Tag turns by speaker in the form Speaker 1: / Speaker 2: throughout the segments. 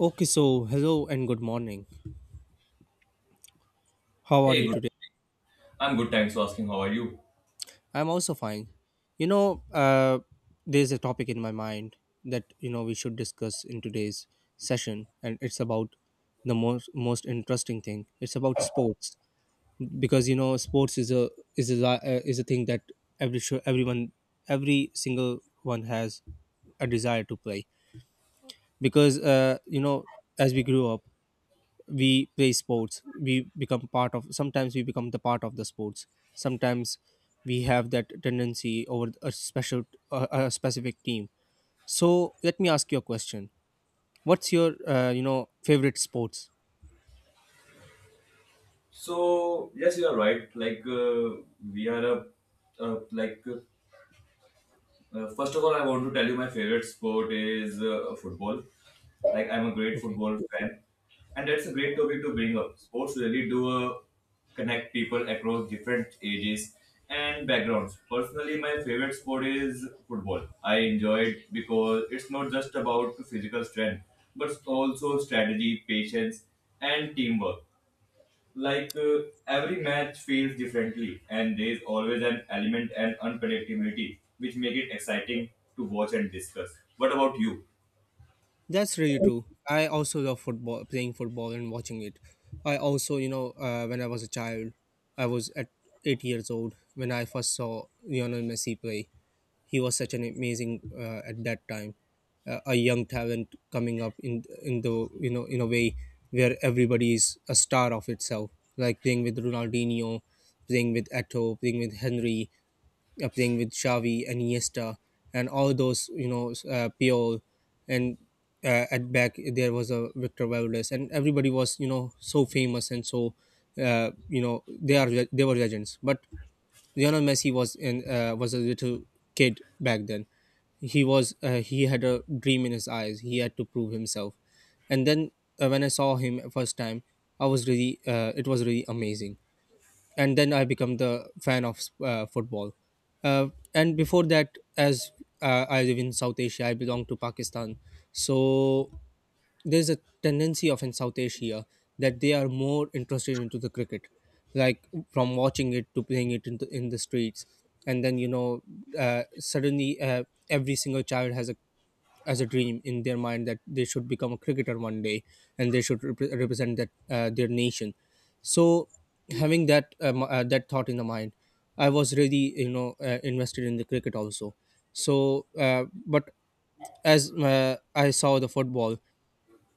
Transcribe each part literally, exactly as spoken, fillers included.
Speaker 1: Okay, so hello and good morning. How are
Speaker 2: Hey,
Speaker 1: you
Speaker 2: good.
Speaker 1: today?
Speaker 2: I'm good. Thanks for asking. How are you?
Speaker 1: I'm also fine. You know, uh, there's a topic in my mind that you know we should discuss in today's session, and it's about the most most interesting thing. It's about sports because you know sports is a is a li- uh, is a thing that every sure everyone every single one has a desire to play because uh, you know as we grew up, we play sports, we become part of, sometimes we become the part of the sports, sometimes we have that tendency over a special, a, a specific team. So let me ask you a question. What's your uh, you know favorite sports?
Speaker 2: So, yes, you are right. Like, uh, we are a, uh, like uh, Uh, first of all, I want to tell you my favorite sport is uh, football. Like I'm a great
Speaker 1: Okay.
Speaker 2: football fan, and that's a great topic to bring up. Sports really do uh, connect people across different ages and backgrounds. Personally, my favorite sport is football. I enjoy it because it's not just about physical strength, but also strategy, patience, and teamwork. Like uh, every match feels differently and there is always an element and unpredictability which make it exciting to watch and discuss. What about you?
Speaker 1: That's really true. I also love football, playing football and watching it. I also, you know, uh, when I was a child, I was at eight years old when I first saw Lionel Messi play. He was such an amazing, uh, at that time, uh, a young talent coming up in in the, you know in a way where everybody is a star of itself, like playing with Ronaldinho, playing with Eto, playing with Henry, uh, playing with Xavi and Iniesta, and all those, you know, s- uh, Piol, and uh, at back there was a Victor Valdes, and everybody was, you know, so famous, and so, uh, you know, they are they were legends. But Lionel Messi was in uh, was a little kid back then. He was uh, he had a dream in his eyes. He had to prove himself, and then, uh, when I saw him first time, I was really uh, it was really amazing, and then I become the fan of uh, football. Uh, and before that, as uh, I live in South Asia, I belong to Pakistan. So there's a tendency of in South Asia that they are more interested into the cricket, like from watching it to playing it in the, in the streets. And then, you know, uh, suddenly, uh, every single child has a as a dream in their mind that they should become a cricketer one day and they should repre- represent that uh, their nation. So having that um, uh, that thought in the mind, I was really you know uh, invested in the cricket also. So uh, but as uh, I saw the football.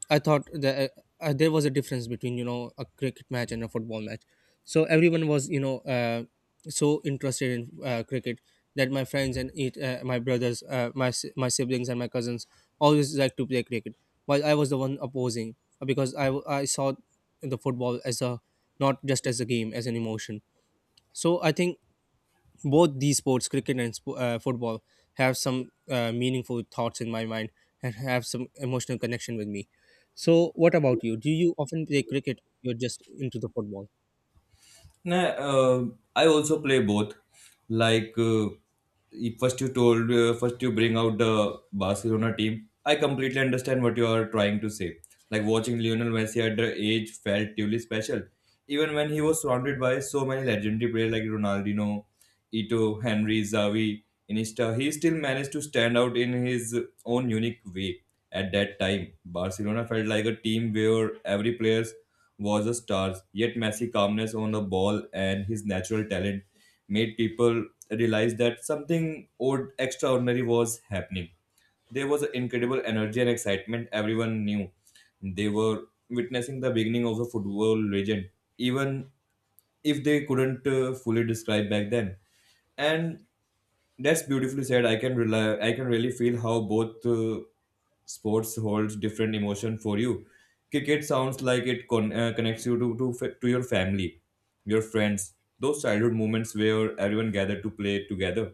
Speaker 1: I thought that uh, uh, there was a difference between, you know a cricket match and a football match. So everyone was you know uh, so interested in uh, cricket that my friends, and it, uh, my brothers, uh, my si- my siblings and my cousins always liked to play cricket, while I was the one opposing, uh, because I w- I saw the football as a, not just as a game, as an emotion. So I think both these sports, cricket and sp- uh, football, have some uh, meaningful thoughts in my mind and have some emotional connection with me. So what about you? Do you often play cricket? You're just into the football?
Speaker 2: Nah, uh, I also play both. Like uh, you- first you told, uh, first you bring out the Barcelona team. I completely understand what you are trying to say. Like watching Lionel Messi at the age felt truly special, even when he was surrounded by so many legendary players like Ronaldinho, Ito, Henry, Zavi, Iniesta. He still managed to stand out in his own unique way. At that time, Barcelona felt like a team where every player was a star, yet Messi calmness on the ball and his natural talent made people realize that something odd extraordinary was happening. There was incredible energy and excitement everyone knew. They were witnessing the beginning of a football legend, even if they couldn't uh, fully describe back then. And that's beautifully said. I can rely i can really feel how both uh, sports holds different emotion for you. Cricket sounds like it con- uh, connects you to, to fa- to your family, your friends, those childhood moments where everyone gathered to play together.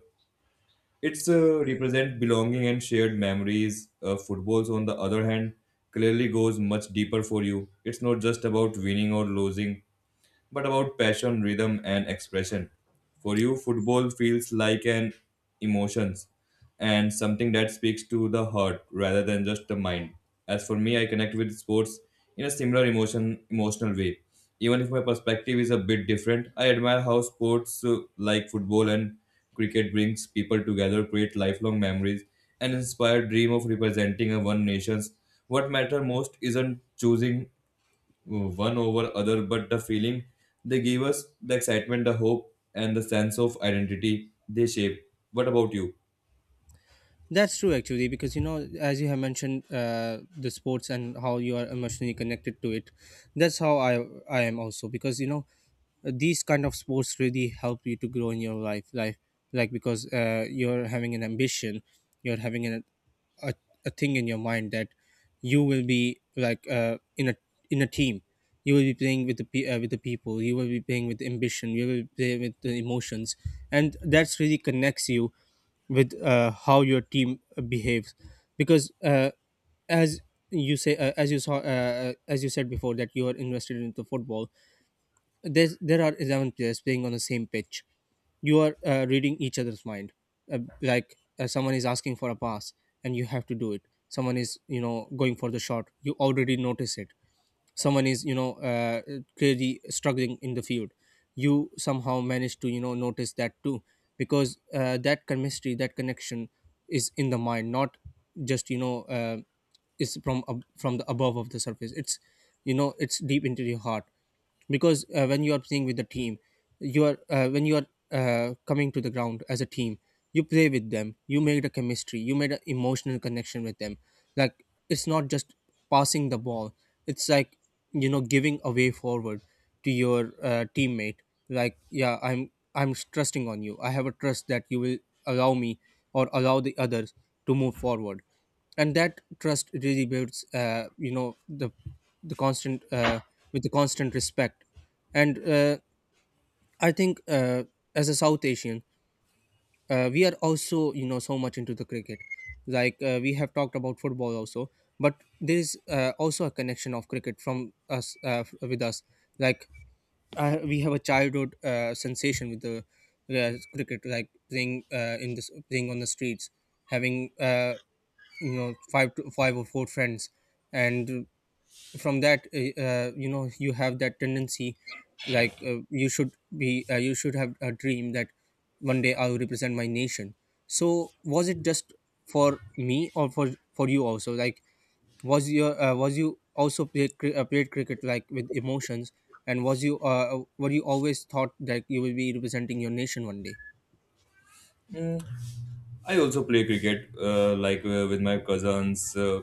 Speaker 2: It's uh, represent belonging and shared memories. Uh, footballs, on the other hand, clearly goes much deeper for you. It's not just about winning or losing, but about passion, rhythm, and expression. For you, football feels like an emotions and something that speaks to the heart rather than just the mind. As for me, I connect with sports in a similar emotion emotional way. Even if my perspective is a bit different, I admire how sports uh, like football and cricket brings people together, create lifelong memories, and inspire dream of representing a one nation's. What matter most isn't choosing one over other, but the feeling they gave us, the excitement, the hope, and the sense of identity they shape. What about you?
Speaker 1: That's true, actually, because, you know, as you have mentioned, uh, the sports and how you are emotionally connected to it. That's how I I am also because, you know, these kind of sports really help you to grow in your life, life like, because uh, you're having an ambition, you're having an, a a thing in your mind, that you will be like, uh, in a in a team. You will be playing with the pe- uh, with the people. You will be playing with ambition. You will play with the emotions, and that's really connects you with, uh, how your team behaves, because uh, as you say uh, as you saw uh, uh, as you said before, that you are invested into football. There's there are eleven players playing on the same pitch. You are, uh, reading each other's mind. Uh, like, uh, someone is asking for a pass and you have to do it. Someone is, you know going for the shot, you already notice it. Someone is, you know uh, clearly struggling in the field, you somehow manage to, you know notice that too, because, uh, that chemistry, that connection is in the mind, not just, you know uh, is from ab- from the above of the surface. It's you know it's deep into your heart, because, uh, when you are playing with the team, you are uh, when you are, uh, coming to the ground as a team, you play with them, you make the chemistry, you made an emotional connection with them. Like, it's not just passing the ball, it's like, you know giving a way forward to your uh, teammate. Like, yeah, i'm i'm trusting on you. I have a trust that you will allow me, or allow the others, to move forward, and that trust really builds, uh, you know the the constant uh, with the constant respect. And, uh, I think, uh, as a South Asian, uh, we are also, you know so much into the cricket. Like, uh, we have talked about football also, but there is, uh, also a connection of cricket from us uh, f- with us. Like, uh, we have a childhood, uh, sensation with the, uh, cricket, like playing, uh, in this playing on the streets, having, uh, you know five to five or four friends, and from that, uh, uh, you know you have that tendency. Like, uh, you should be uh, you should have a dream that one day I will represent my nation. So, was it just for me, or for for you also? Like, was your uh, was you also played cri- uh, played cricket, like, with emotions? And was you uh, were you always thought that you will be representing your nation one day?
Speaker 2: I also play cricket, uh, like uh, with my cousins. Uh,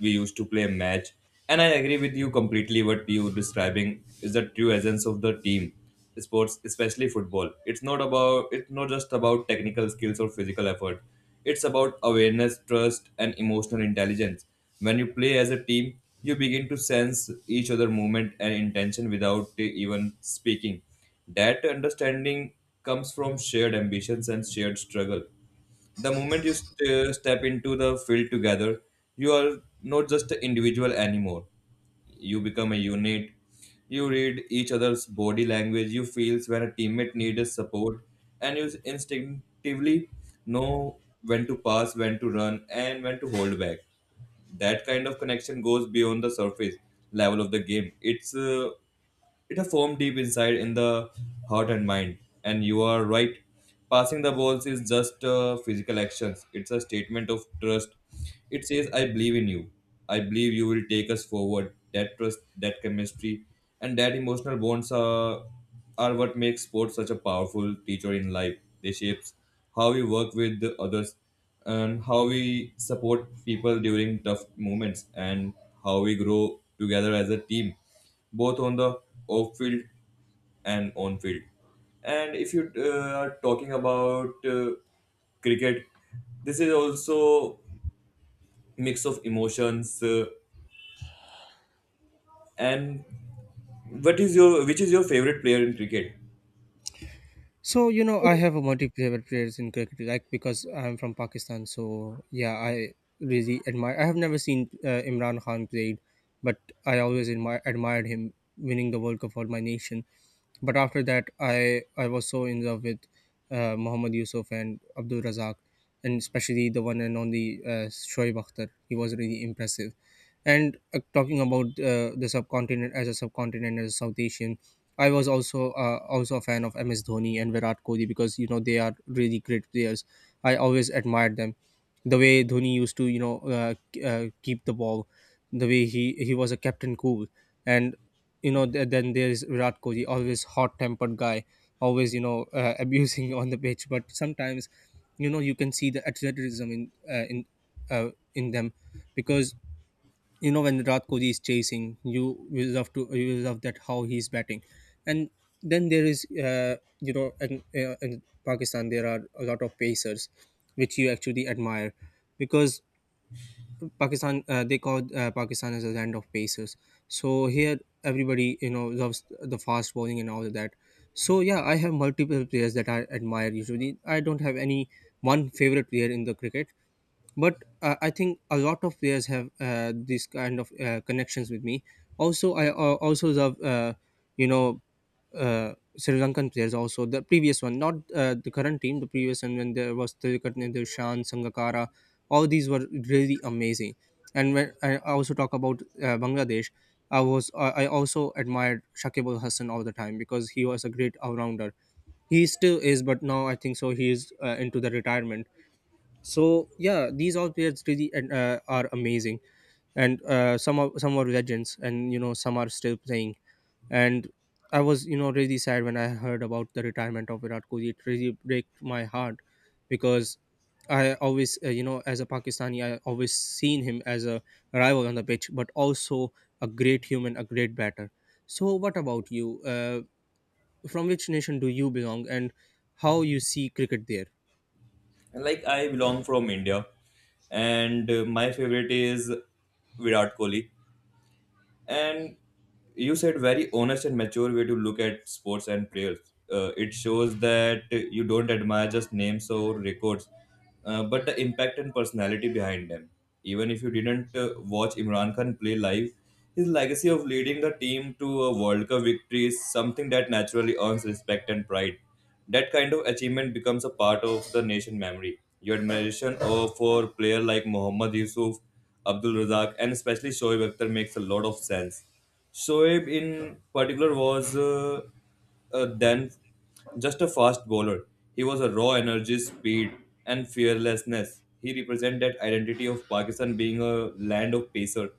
Speaker 2: We used to play a match, and I agree with you completely. What you describing is the true essence of the team sports, especially football. It's not about it's not just about technical skills or physical effort. It's about awareness, trust, and emotional intelligence. When you play as a team, you begin to sense each other' movement and intention without uh, even speaking. That understanding comes from shared ambitions and shared struggle. The moment you st- uh, step into the field together, you are not just an individual anymore. You become a unit. You read each other's body language. You feel when a teammate needs support, and you instinctively know when to pass, when to run, and when to hold back. That kind of connection goes beyond the surface level of the game. It's uh, it a foam deep inside in the heart and mind. And you are right. Passing the balls is just uh, physical actions. It's a statement of trust. It says, "I believe in you. I believe you will take us forward." That trust, that chemistry, and that emotional bonds are are what makes sports such a powerful teacher in life. They shapes how we work with the others, and how we support people during tough moments, and how we grow together as a team, both on the off field and on field. And if you uh, are talking about uh, cricket, this is also mix of emotions. Uh, and What is your, which is your favorite player in cricket?
Speaker 1: So, you know, I have a multi-favorite players in cricket, like, because I'm from Pakistan. So yeah, I really admire. I have never seen, uh, Imran Khan played, but I always admi- admired him winning the World Cup for my nation. But after that, I I was so in love with, uh, Mohammad Yusuf and Abdul Razak, and especially the one and only, uh, Shoaib Akhtar. He was really impressive, and, uh, talking about, uh, the subcontinent as a subcontinent, as a South Asian, I was, also uh, also a fan of M S Dhoni and Virat Kohli, because, you know they are really great players. I always admired them. The way Dhoni used to, you know uh, k- uh, keep the ball, the way he he was a Captain Cool, and, you know th- then there is Virat Kohli, always hot tempered guy, always, you know uh, abusing on the pitch, but sometimes, you know you can see the athleticism, in uh, in uh, in them, because, you know when Virat Kohli is chasing, you will love to you will love that how he's batting. And then there is, uh, you know in, uh, in Pakistan there are a lot of pacers, which you actually admire, because Pakistan, uh, they call, uh, Pakistan as a land of pacers. So here everybody, you know loves the fast bowling and all of that. So yeah, I have multiple players that I admire. Usually, I don't have any one favorite player in the cricket, but, uh, I think a lot of players have, uh, these kind of, uh, connections with me. Also, I uh, also love, uh, you know uh, Sri Lankan players also, the previous one, not, uh, the current team, the previous one when there was Tirukatne Shan Sangakara. All these were really amazing. And when I also talk about, uh, Bangladesh, I was I I also admired Shakib Ul Hassan all the time, because he was a great all-rounder. He still is, but now I think so he is, uh, into the retirement. So yeah, these all players really, and, uh, are amazing, and, uh, some are some are legends, and, you know some are still playing. And I was, you know really sad when I heard about the retirement of Virat Kohli. It really broke my heart, because I always, uh, you know as a Pakistani, I always seen him as a rival on the pitch, but also a great human, a great batter. So what about you? Uh, from which nation do you belong, and how you see cricket there?
Speaker 2: Like I belong from India, and uh, my favorite is Virat Kohli. And you said very honest and mature way to look at sports and players. Uh, it shows that you don't admire just names or records, uh, but the impact and personality behind them. Even if you didn't uh, watch Imran Khan play live, his legacy of leading the team to a World Cup victory is something that naturally earns respect and pride. That kind of achievement becomes a part of the nation memory. Your admiration uh, for player like Mohammad Yusuf, Abdul Razak, and especially Shoaib Akhtar makes a lot of sense. Shoaib, in particular, was uh, uh, then just a fast bowler. He was a raw energy, speed, and fearlessness. He represented that identity of Pakistan being a land of pacer,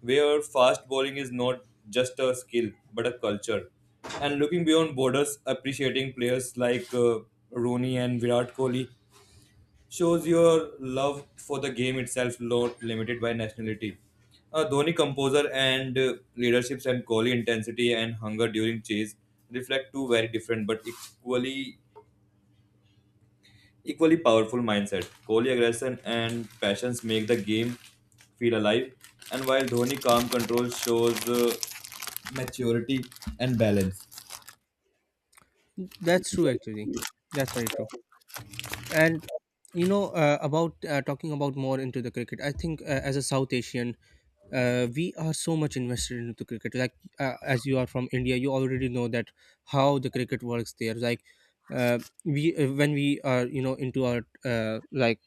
Speaker 2: where fast bowling is not just a skill but a culture. And looking beyond borders, appreciating players like uh, Rooney and Virat Kohli shows your love for the game itself, not limited by nationality. Uh, Dhoni composure and uh, leaderships and Kohli intensity and hunger during chase reflect two very different but equally equally powerful mindset. Kohli aggression and passions make the game feel alive, and while Dhoni calm control shows uh, maturity and balance.
Speaker 1: That's true, actually. That's very true. And, you know, uh, about uh, talking about more into the cricket, I think, uh, as a South Asian, uh, we are so much invested into cricket. Like, uh, as you are from India, you already know that how the cricket works there. Like uh, we uh, when we are you know into our uh, like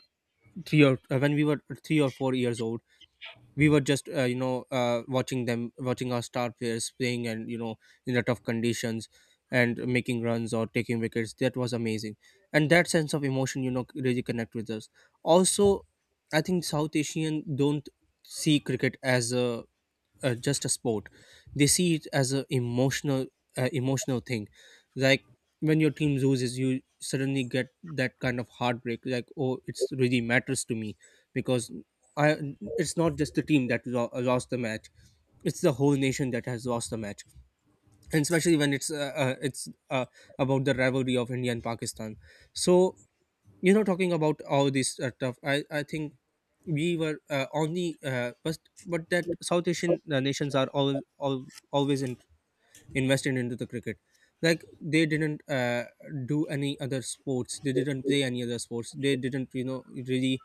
Speaker 1: three or uh, when we were three or four years old, we were just uh, you know uh, watching them watching our star players playing and you know in the tough conditions and making runs or taking wickets. That was amazing, and that sense of emotion you know really connect with us also. I think South Asian don't see cricket as a uh, just a sport. They see it as a emotional uh, emotional thing. Like when your team loses you suddenly get that kind of heartbreak, like, oh, it's really matters to me, because I it's not just the team that lo- lost the match, it's the whole nation that has lost the match. And especially when it's uh, uh, it's uh, about the rivalry of India and Pakistan. So, you know, talking about all this uh, stuff, i i think we were uh, only uh, but but that South Asian uh, nations are all, all always in, invested into the cricket. Like they didn't uh, do any other sports, they didn't play any other sports, they didn't you know really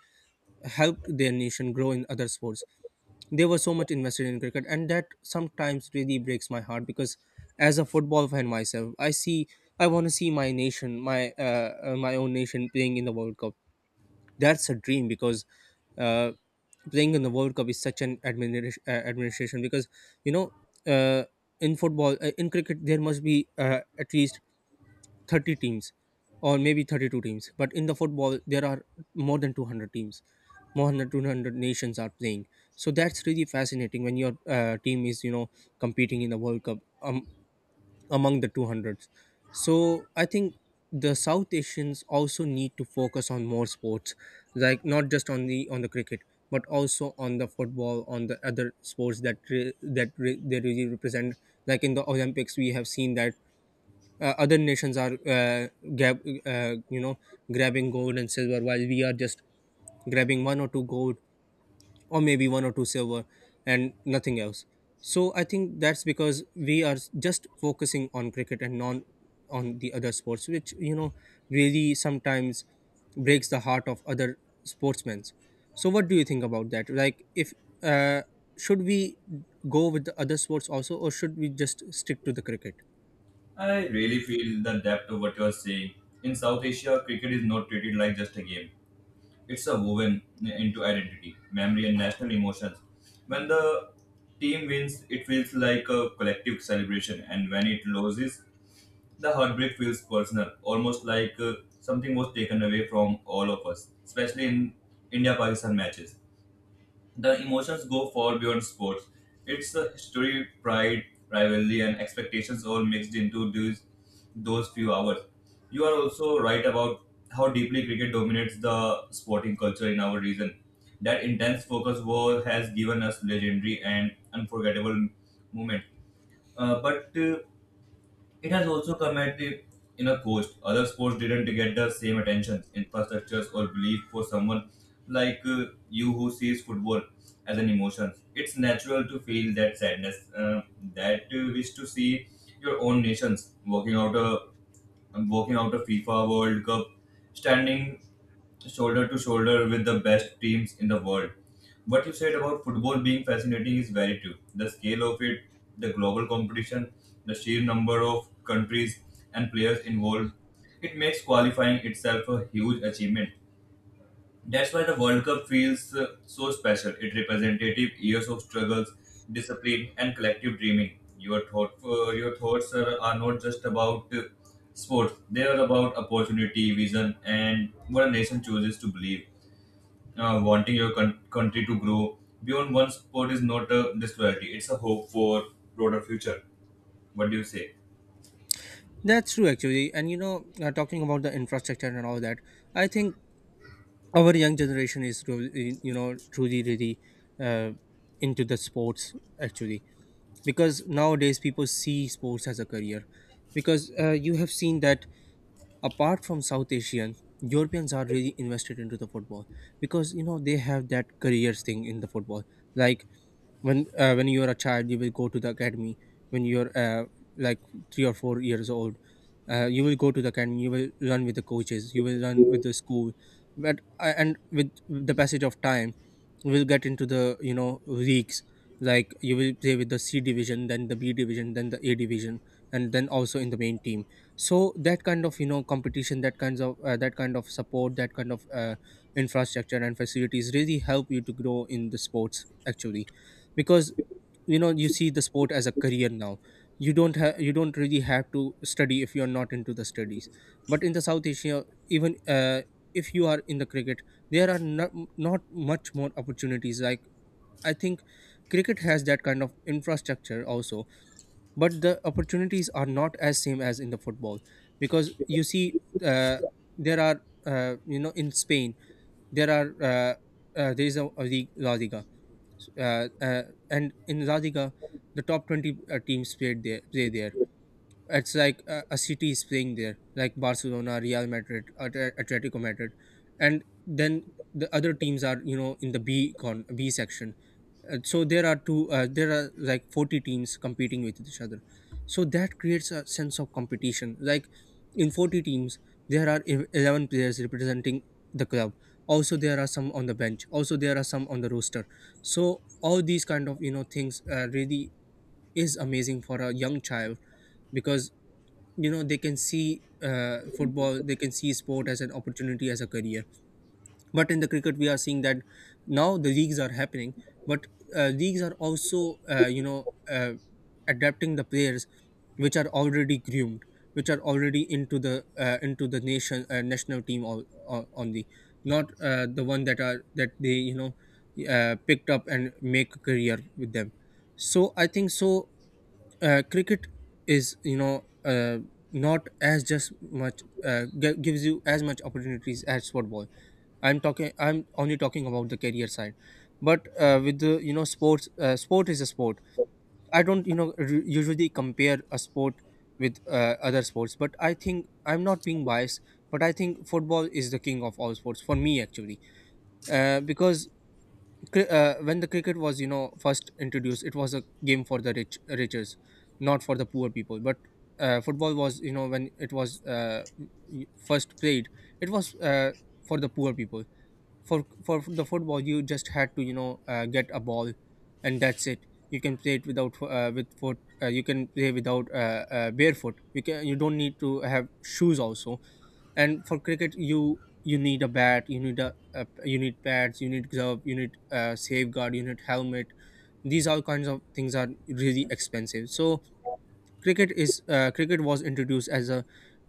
Speaker 1: help their nation grow in other sports. They were so much invested in cricket, and that sometimes really breaks my heart, because as a football fan myself i see I want to see my nation, my uh, uh, my own nation playing in the World Cup. That's a dream, because uh, playing in the World Cup is such an administration, uh, administration, because you know uh, in football uh, in cricket there must be uh, at least thirty teams or maybe thirty-two teams, but in the football there are more than two hundred teams, more than two hundred nations are playing. So that's really fascinating when your uh, team is you know competing in the World Cup um, among the two hundreds. So I think the South Asians also need to focus on more sports, like not just on the on the cricket, but also on the football, on the other sports that re- that re- they really represent. Like in the Olympics, we have seen that uh, other nations are uh, grab, uh, you know grabbing gold and silver, while we are just grabbing one or two gold or maybe one or two server and nothing else. So I think that's because we are just focusing on cricket and non on the other sports, which you know really sometimes breaks the heart of other sportsmen. So what do you think about that? Like, if uh, should we go with the other sports also or should we just stick to the cricket?
Speaker 2: I really feel the depth of what you are saying. In South Asia, cricket is not treated like just a game. It's a woven into identity, memory, and national emotions. When the team wins, it feels like a collective celebration, and when it loses, the heartbreak feels personal, almost like uh, something was taken away from all of us, especially in India Pakistan matches. The emotions go far beyond sports. It's the history, pride, rivalry, and expectations all mixed into these, those few hours. You are also right about how deeply cricket dominates the sporting culture in our region. That intense focus war has given us legendary and unforgettable moments. Uh, but uh, it has also come at the inner cost. Other sports didn't get the same attention, infrastructures, or belief for someone like uh, you who sees football as an emotion. It's natural to feel that sadness, uh, that uh, wish to see your own nations walking out a walking out a FIFA World Cup, standing shoulder to shoulder with the best teams in the world. What you said about football being fascinating is very true. The scale of it, the global competition, the sheer number of countries and players involved, it makes qualifying itself a huge achievement. That's why the World Cup feels uh, so special. It representative years of struggles, discipline, and collective dreaming. Your thought, uh, your thoughts are, are not just about uh, sports; they are about opportunity, vision, and what a nation chooses to believe. Uh, wanting your con- country to grow beyond one sport is not a disloyalty; it's a hope for broader future. What do you say?
Speaker 1: That's true actually. And you know uh, talking about the infrastructure and all that, I think our young generation is really, you know, truly really uh, into the sports actually, because nowadays people see sports as a career, because uh, you have seen that apart from South Asian, Europeans are really invested into the football, because you know they have that careers thing in the football. Like when uh, when you are a child you will go to the academy, when you're uh, like three or four years old, uh, you will go to the academy, you will run with the coaches, you will run with the school. But uh, and with the passage of time you will get into the you know leagues, like you will play with the C division, then the B division, then the A division, and then also in the main team. So that kind of you know competition, that kinds of uh, that kind of support, that kind of uh, infrastructure and facilities really help you to grow in the sports actually, because you know you see the sport as a career now. You don't have you don't really have to study if you are not into the studies. But in the South Asia, even uh, if you are in the cricket, there are not, not much more opportunities. Like, I think cricket has that kind of infrastructure also, but the opportunities are not as same as in the football. Because you see uh, there are uh, you know in Spain there are uh, uh, there is a, a league, La Liga, uh, uh, and in Radhika, the top twenty uh, teams played there, play there. It's like uh, a city is playing there, like Barcelona, Real Madrid, At- Atletico Madrid, and then the other teams are you know in the B con B section. Uh, so there are two uh, there are like forty teams competing with each other, so that creates a sense of competition. Like in forty teams there are ev- eleven players representing the club, also there are some on the bench, also there are some on the roster. So all these kind of you know things uh, really is amazing for a young child, because you know they can see uh, football, they can see sport as an opportunity, as a career. But in the cricket we are seeing that now the leagues are happening, but uh, leagues are also uh, you know uh, adapting the players which are already groomed, which are already into the uh, into the nation uh, national team all, all, only, not uh, the one that are that they you know uh, picked up and make a career with them. So I think so, uh, cricket is you know uh, not as just much uh, gi- gives you as much opportunities as football. I'm talking I'm only talking about the career side. But uh, with the you know sports uh, sport is a sport. I don't you know r- usually compare a sport with uh, other sports, but I think, I'm not being biased, but I think football is the king of all sports for me actually. uh, because cri- uh, when the cricket was you know first introduced, it was a game for the rich riches, not for the poor people. But uh, football was you know when it was uh, m- first played, it was uh, for the poor people. For for the football you just had to you know uh, get a ball and that's it. You can play it without fo- uh, with foot uh, you can play without uh, uh, barefoot, you can, you don't need to have shoes also. And for cricket you you need a bat, you need a, a, you need pads, you need glove, you need uh, safeguard, you need helmet. These all kinds of things are really expensive. So cricket is uh, cricket was introduced as a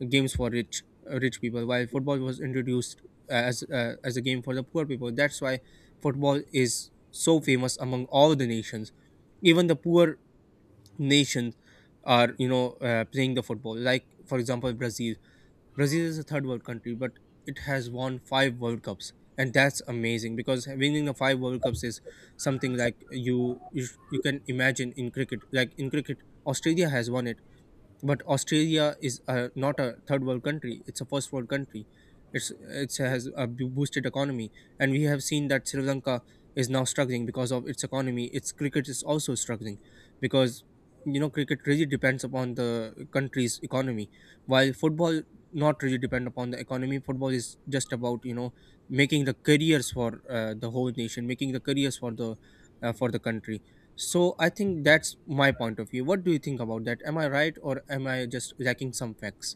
Speaker 1: games for rich uh, rich people, while football was introduced uh, as uh, as a game for the poor people. That's why football is so famous among all the nations. Even the poor nations are you know uh, playing the football, like for example brazil Brazil is a third world country but it has won five World Cups. And that's amazing, because winning the five World Cups is something like you you, sh- you can imagine in cricket. Like in cricket Australia has won it, but Australia is uh, not a third world country, it's a first world country. It's it has a bo- boosted economy. And we have seen that Sri Lanka is now struggling because of its economy, its cricket is also struggling, because you know cricket really depends upon the country's economy. While football not really depend upon the economy, football is just about you know making the careers for uh, the whole nation, making the careers for the uh, for the country. So I think that's my point of view. What do you think about that? Am I right or am I just lacking some facts?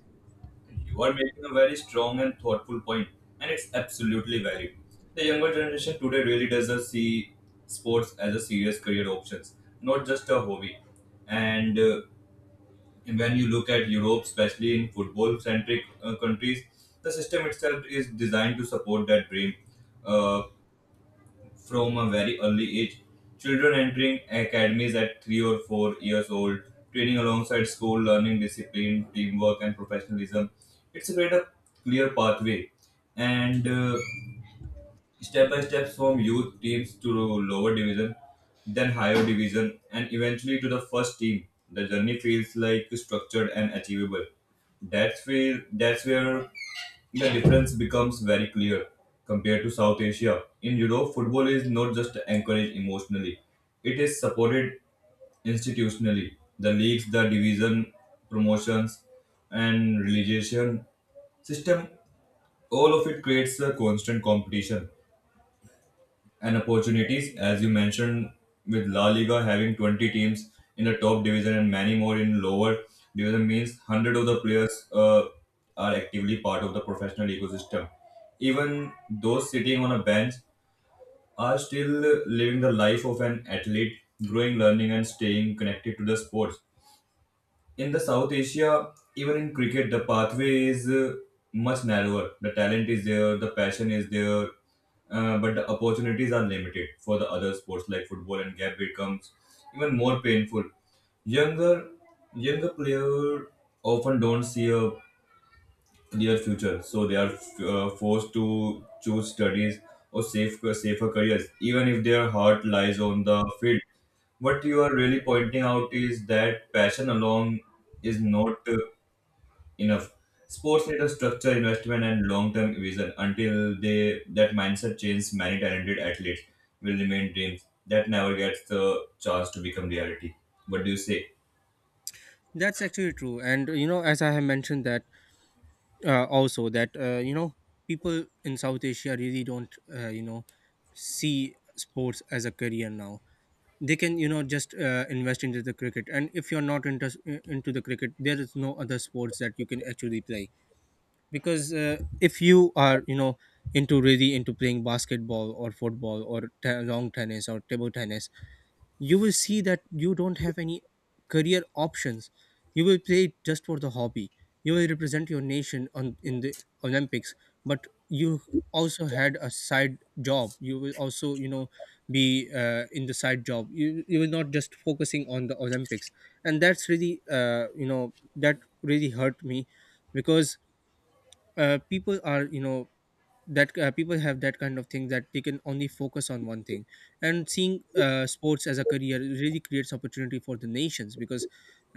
Speaker 2: You are making a very strong and thoughtful point, and it's absolutely valid. The younger generation today really doesn't see sports as a serious career options, not just a hobby. And uh, when you look at Europe, especially in football-centric uh, countries, the system itself is designed to support that dream Uh, from a very early age. Children entering academies at three or four years old, training alongside school, learning discipline, teamwork, and professionalism. It's a great a clear pathway, and uh, step by step from youth teams to lower division, then higher division, and eventually to the first team. The journey feels like structured and achievable. That's where that's where the difference becomes very clear compared to South Asia. In Europe, football is not just encouraged emotionally, it is supported institutionally. The leagues, the division, promotions, and relegation system, all of it creates a constant competition and opportunities. As you mentioned, with La Liga having twenty teams in the top division and many more in lower division, means hundreds of the players uh, are actively part of the professional ecosystem. Even those sitting on a bench are still living the life of an athlete, growing, learning, and staying connected to the sports. In the South Asia, even in cricket, the pathway is uh, much narrower. The talent is there, the passion is there, uh, but the opportunities are limited for the other sports like football, and gap becomes even more painful. Younger, younger player often don't see a near future, so they are uh, forced to choose studies or safe, safer careers, even if their heart lies on the field. What you are really pointing out is that passion alone is not uh, enough. Sports need a structure investment and long-term vision. Until they that mindset changes, many talented athletes will remain dreams that never gets the chance to become reality. What do you say?
Speaker 1: That's actually true. And uh, you know, as I have mentioned that uh, also that uh, you know people in South Asia really don't uh, you know see sports as a career now. They can you know just uh, invest into the cricket, and if you're not into into the cricket, there is no other sports that you can actually play because uh, if you are you know into really into playing basketball or football or t- long tennis or table tennis. You will see that you don't have any career options. You will play it just for the hobby. You will represent your nation on in the Olympics, but you also had a side job. You will also you know be uh, in the side job. You, you will not just focusing on the Olympics, and that's really uh, you know that really hurt me, because uh, people are you know that uh, people have that kind of thing that they can only focus on one thing. And seeing uh, sports as a career really creates opportunity for the nations, because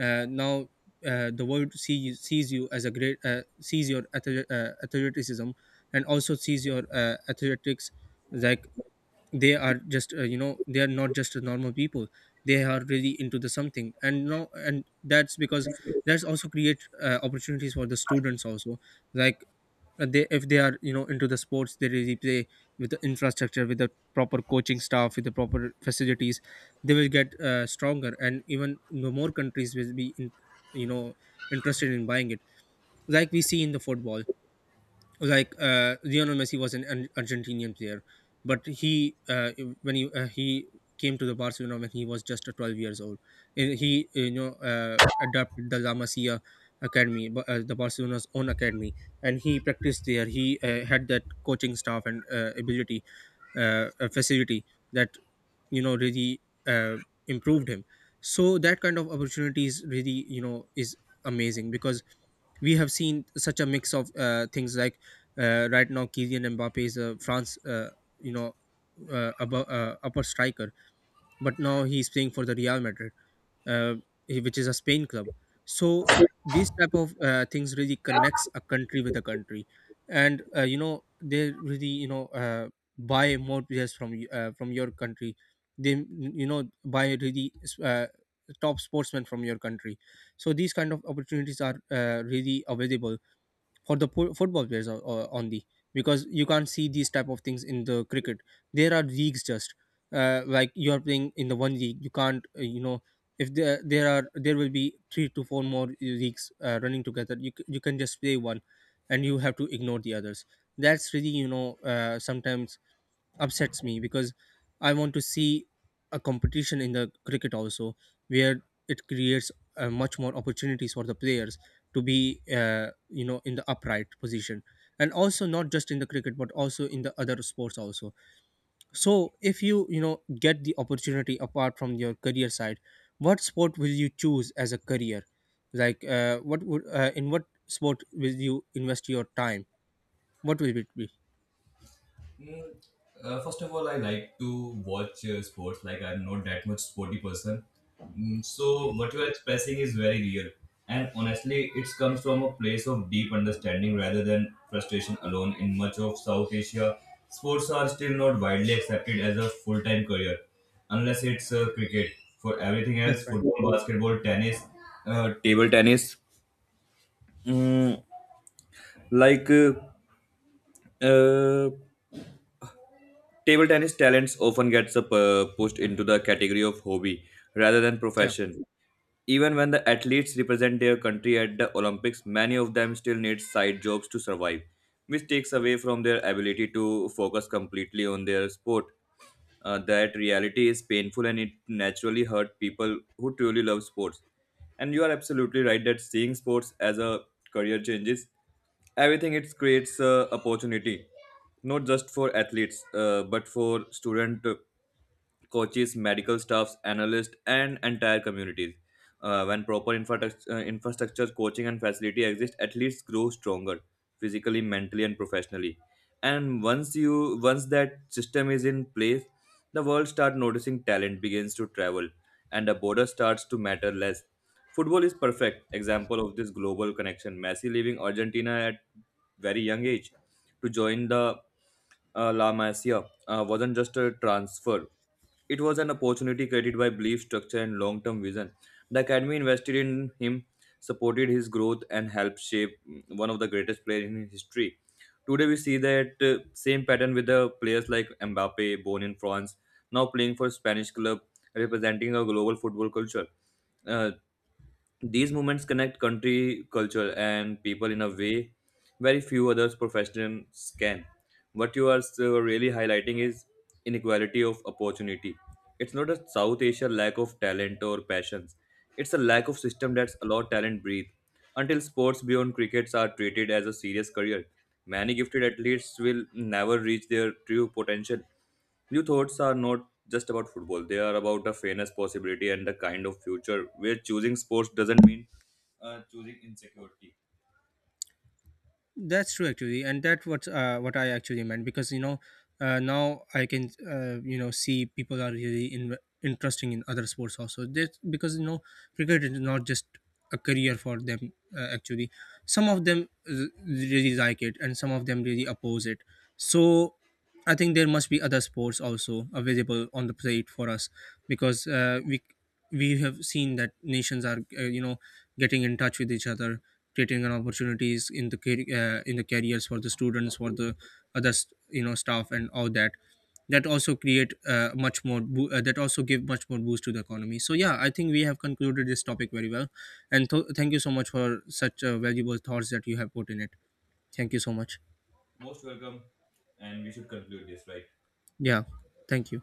Speaker 1: uh, now uh, the world sees sees you as a great, uh, sees your athle- uh, athleticism, and also sees your uh, athletics. Like, they are just uh, you know they are not just a normal people. They are really into the something, and now and that's because that's also create uh, opportunities for the students also. Like, uh, they if they are you know into the sports, they really play with the infrastructure, with the proper coaching staff, with the proper facilities. They will get uh, stronger, and even you know, more countries will be in, you know interested in buying it, like we see in the football. Like, uh, Lionel Messi was an, Ar- Argentinian player, but he uh, when he uh, he came to the Barcelona when he was just uh, twelve years old. And he uh, you know uh, adopted the La Masia academy, Ba- uh, the Barcelona's own academy, and he practiced there. He uh, had that coaching staff and uh, ability, uh, uh, facility that you know really uh, improved him. So that kind of opportunities really you know is amazing, because we have seen such a mix of uh, things. Like, uh, right now Kylian Mbappe is a France, uh, you know uh, above, uh, upper striker, but now he's playing for the Real Madrid, uh, he- which is a Spain club. So these type of uh, things really connects a country with a country, and uh, you know they really you know uh, buy more players from y- uh, from your country. They you know buy really uh, top sportsmen from your country. So these kind of opportunities are uh, really available for the po- football players o- o- on because you can't see these type of things in the cricket. There are leagues just uh, like you are playing in the one league, you can't uh, you know if there there are there will be three to four more leagues uh, running together, you, c- you can just play one, and you have to ignore the others. That's really you know uh, sometimes upsets me, because I want to see a competition in the cricket also, where it creates uh, much more opportunities for the players to be uh, you know in the upright position, and also not just in the cricket but also in the other sports also. So if you you know get the opportunity apart from your career side, what sport will you choose as a career? Like, uh, what would uh, in what sport will you invest your time? What will it be?
Speaker 2: Mm, uh, First of all, I like to watch uh, sports. Like I'm not that much sporty person. Mm, so what you are expressing is very real, and honestly, it comes from a place of deep understanding rather than frustration alone. In much of South Asia, sports are still not widely accepted as a full-time career, unless it's uh, cricket. For everything
Speaker 1: That's
Speaker 2: else,
Speaker 1: right.
Speaker 2: football, basketball, tennis, uh, table tennis, mm, like. Uh, uh, Table tennis talents often gets up, uh, pushed into the category of hobby rather than
Speaker 1: Yeah.
Speaker 2: profession. Even when the athletes represent their country at the Olympics, many of them still need side jobs to survive, which takes away from their ability to focus completely on their sport. Uh, that reality is painful and it naturally hurt people who truly love sports. And you are absolutely right that seeing sports as a career changes everything. It creates uh, opportunity not just for athletes, uh, but for student, uh, coaches, medical staffs, analysts, and entire communities. Uh, when proper infrastructure, uh, infrastructure, coaching, and facility exist, athletes grow stronger physically, mentally, and professionally. And once you once that system is in place, the world start noticing talent begins to travel, and the border starts to matter less. Football is perfect example of this global connection. Messi leaving Argentina at very young age to join the uh, La Masia uh, wasn't just a transfer. It was an opportunity created by belief, structure, and long term vision. The academy invested in him, supported his growth, and helped shape mm, one of the greatest players in history. Today, we see that uh, same pattern with the players like Mbappe, born in France, now playing for Spanish club, representing a global football culture. Uh, these movements connect country, culture, and people in a way very few other professions can. What you are so really highlighting is inequality of opportunity. It's not a South Asia lack of talent or passions. It's a lack of system that's allowed talent breathe. Until sports beyond crickets are treated as a serious career, many gifted athletes will never reach their true potential. Your thoughts are not just about football. They are about a fairness possibility and the kind of future where choosing sports doesn't mean uh, choosing insecurity.
Speaker 1: That's true actually, and that what uh, what I actually meant, because you know uh, now I can uh, you know see people are really in, interesting in other sports also. That because you know cricket is not just a career for them, uh, actually. Some of them r- really like it, and some of them really oppose it. So I think there must be other sports also available on the plate for us, because uh, we we have seen that nations are uh, you know getting in touch with each other, creating an opportunities in the car- uh, in the careers for the students, for the other s- you know staff and all that. That also create uh, much more bo- uh, That also give much more boost to the economy. So yeah, I think we have concluded this topic very well, and th- thank you so much for such uh, valuable thoughts that you have put in it. Thank you so much. Yeah. Thank you.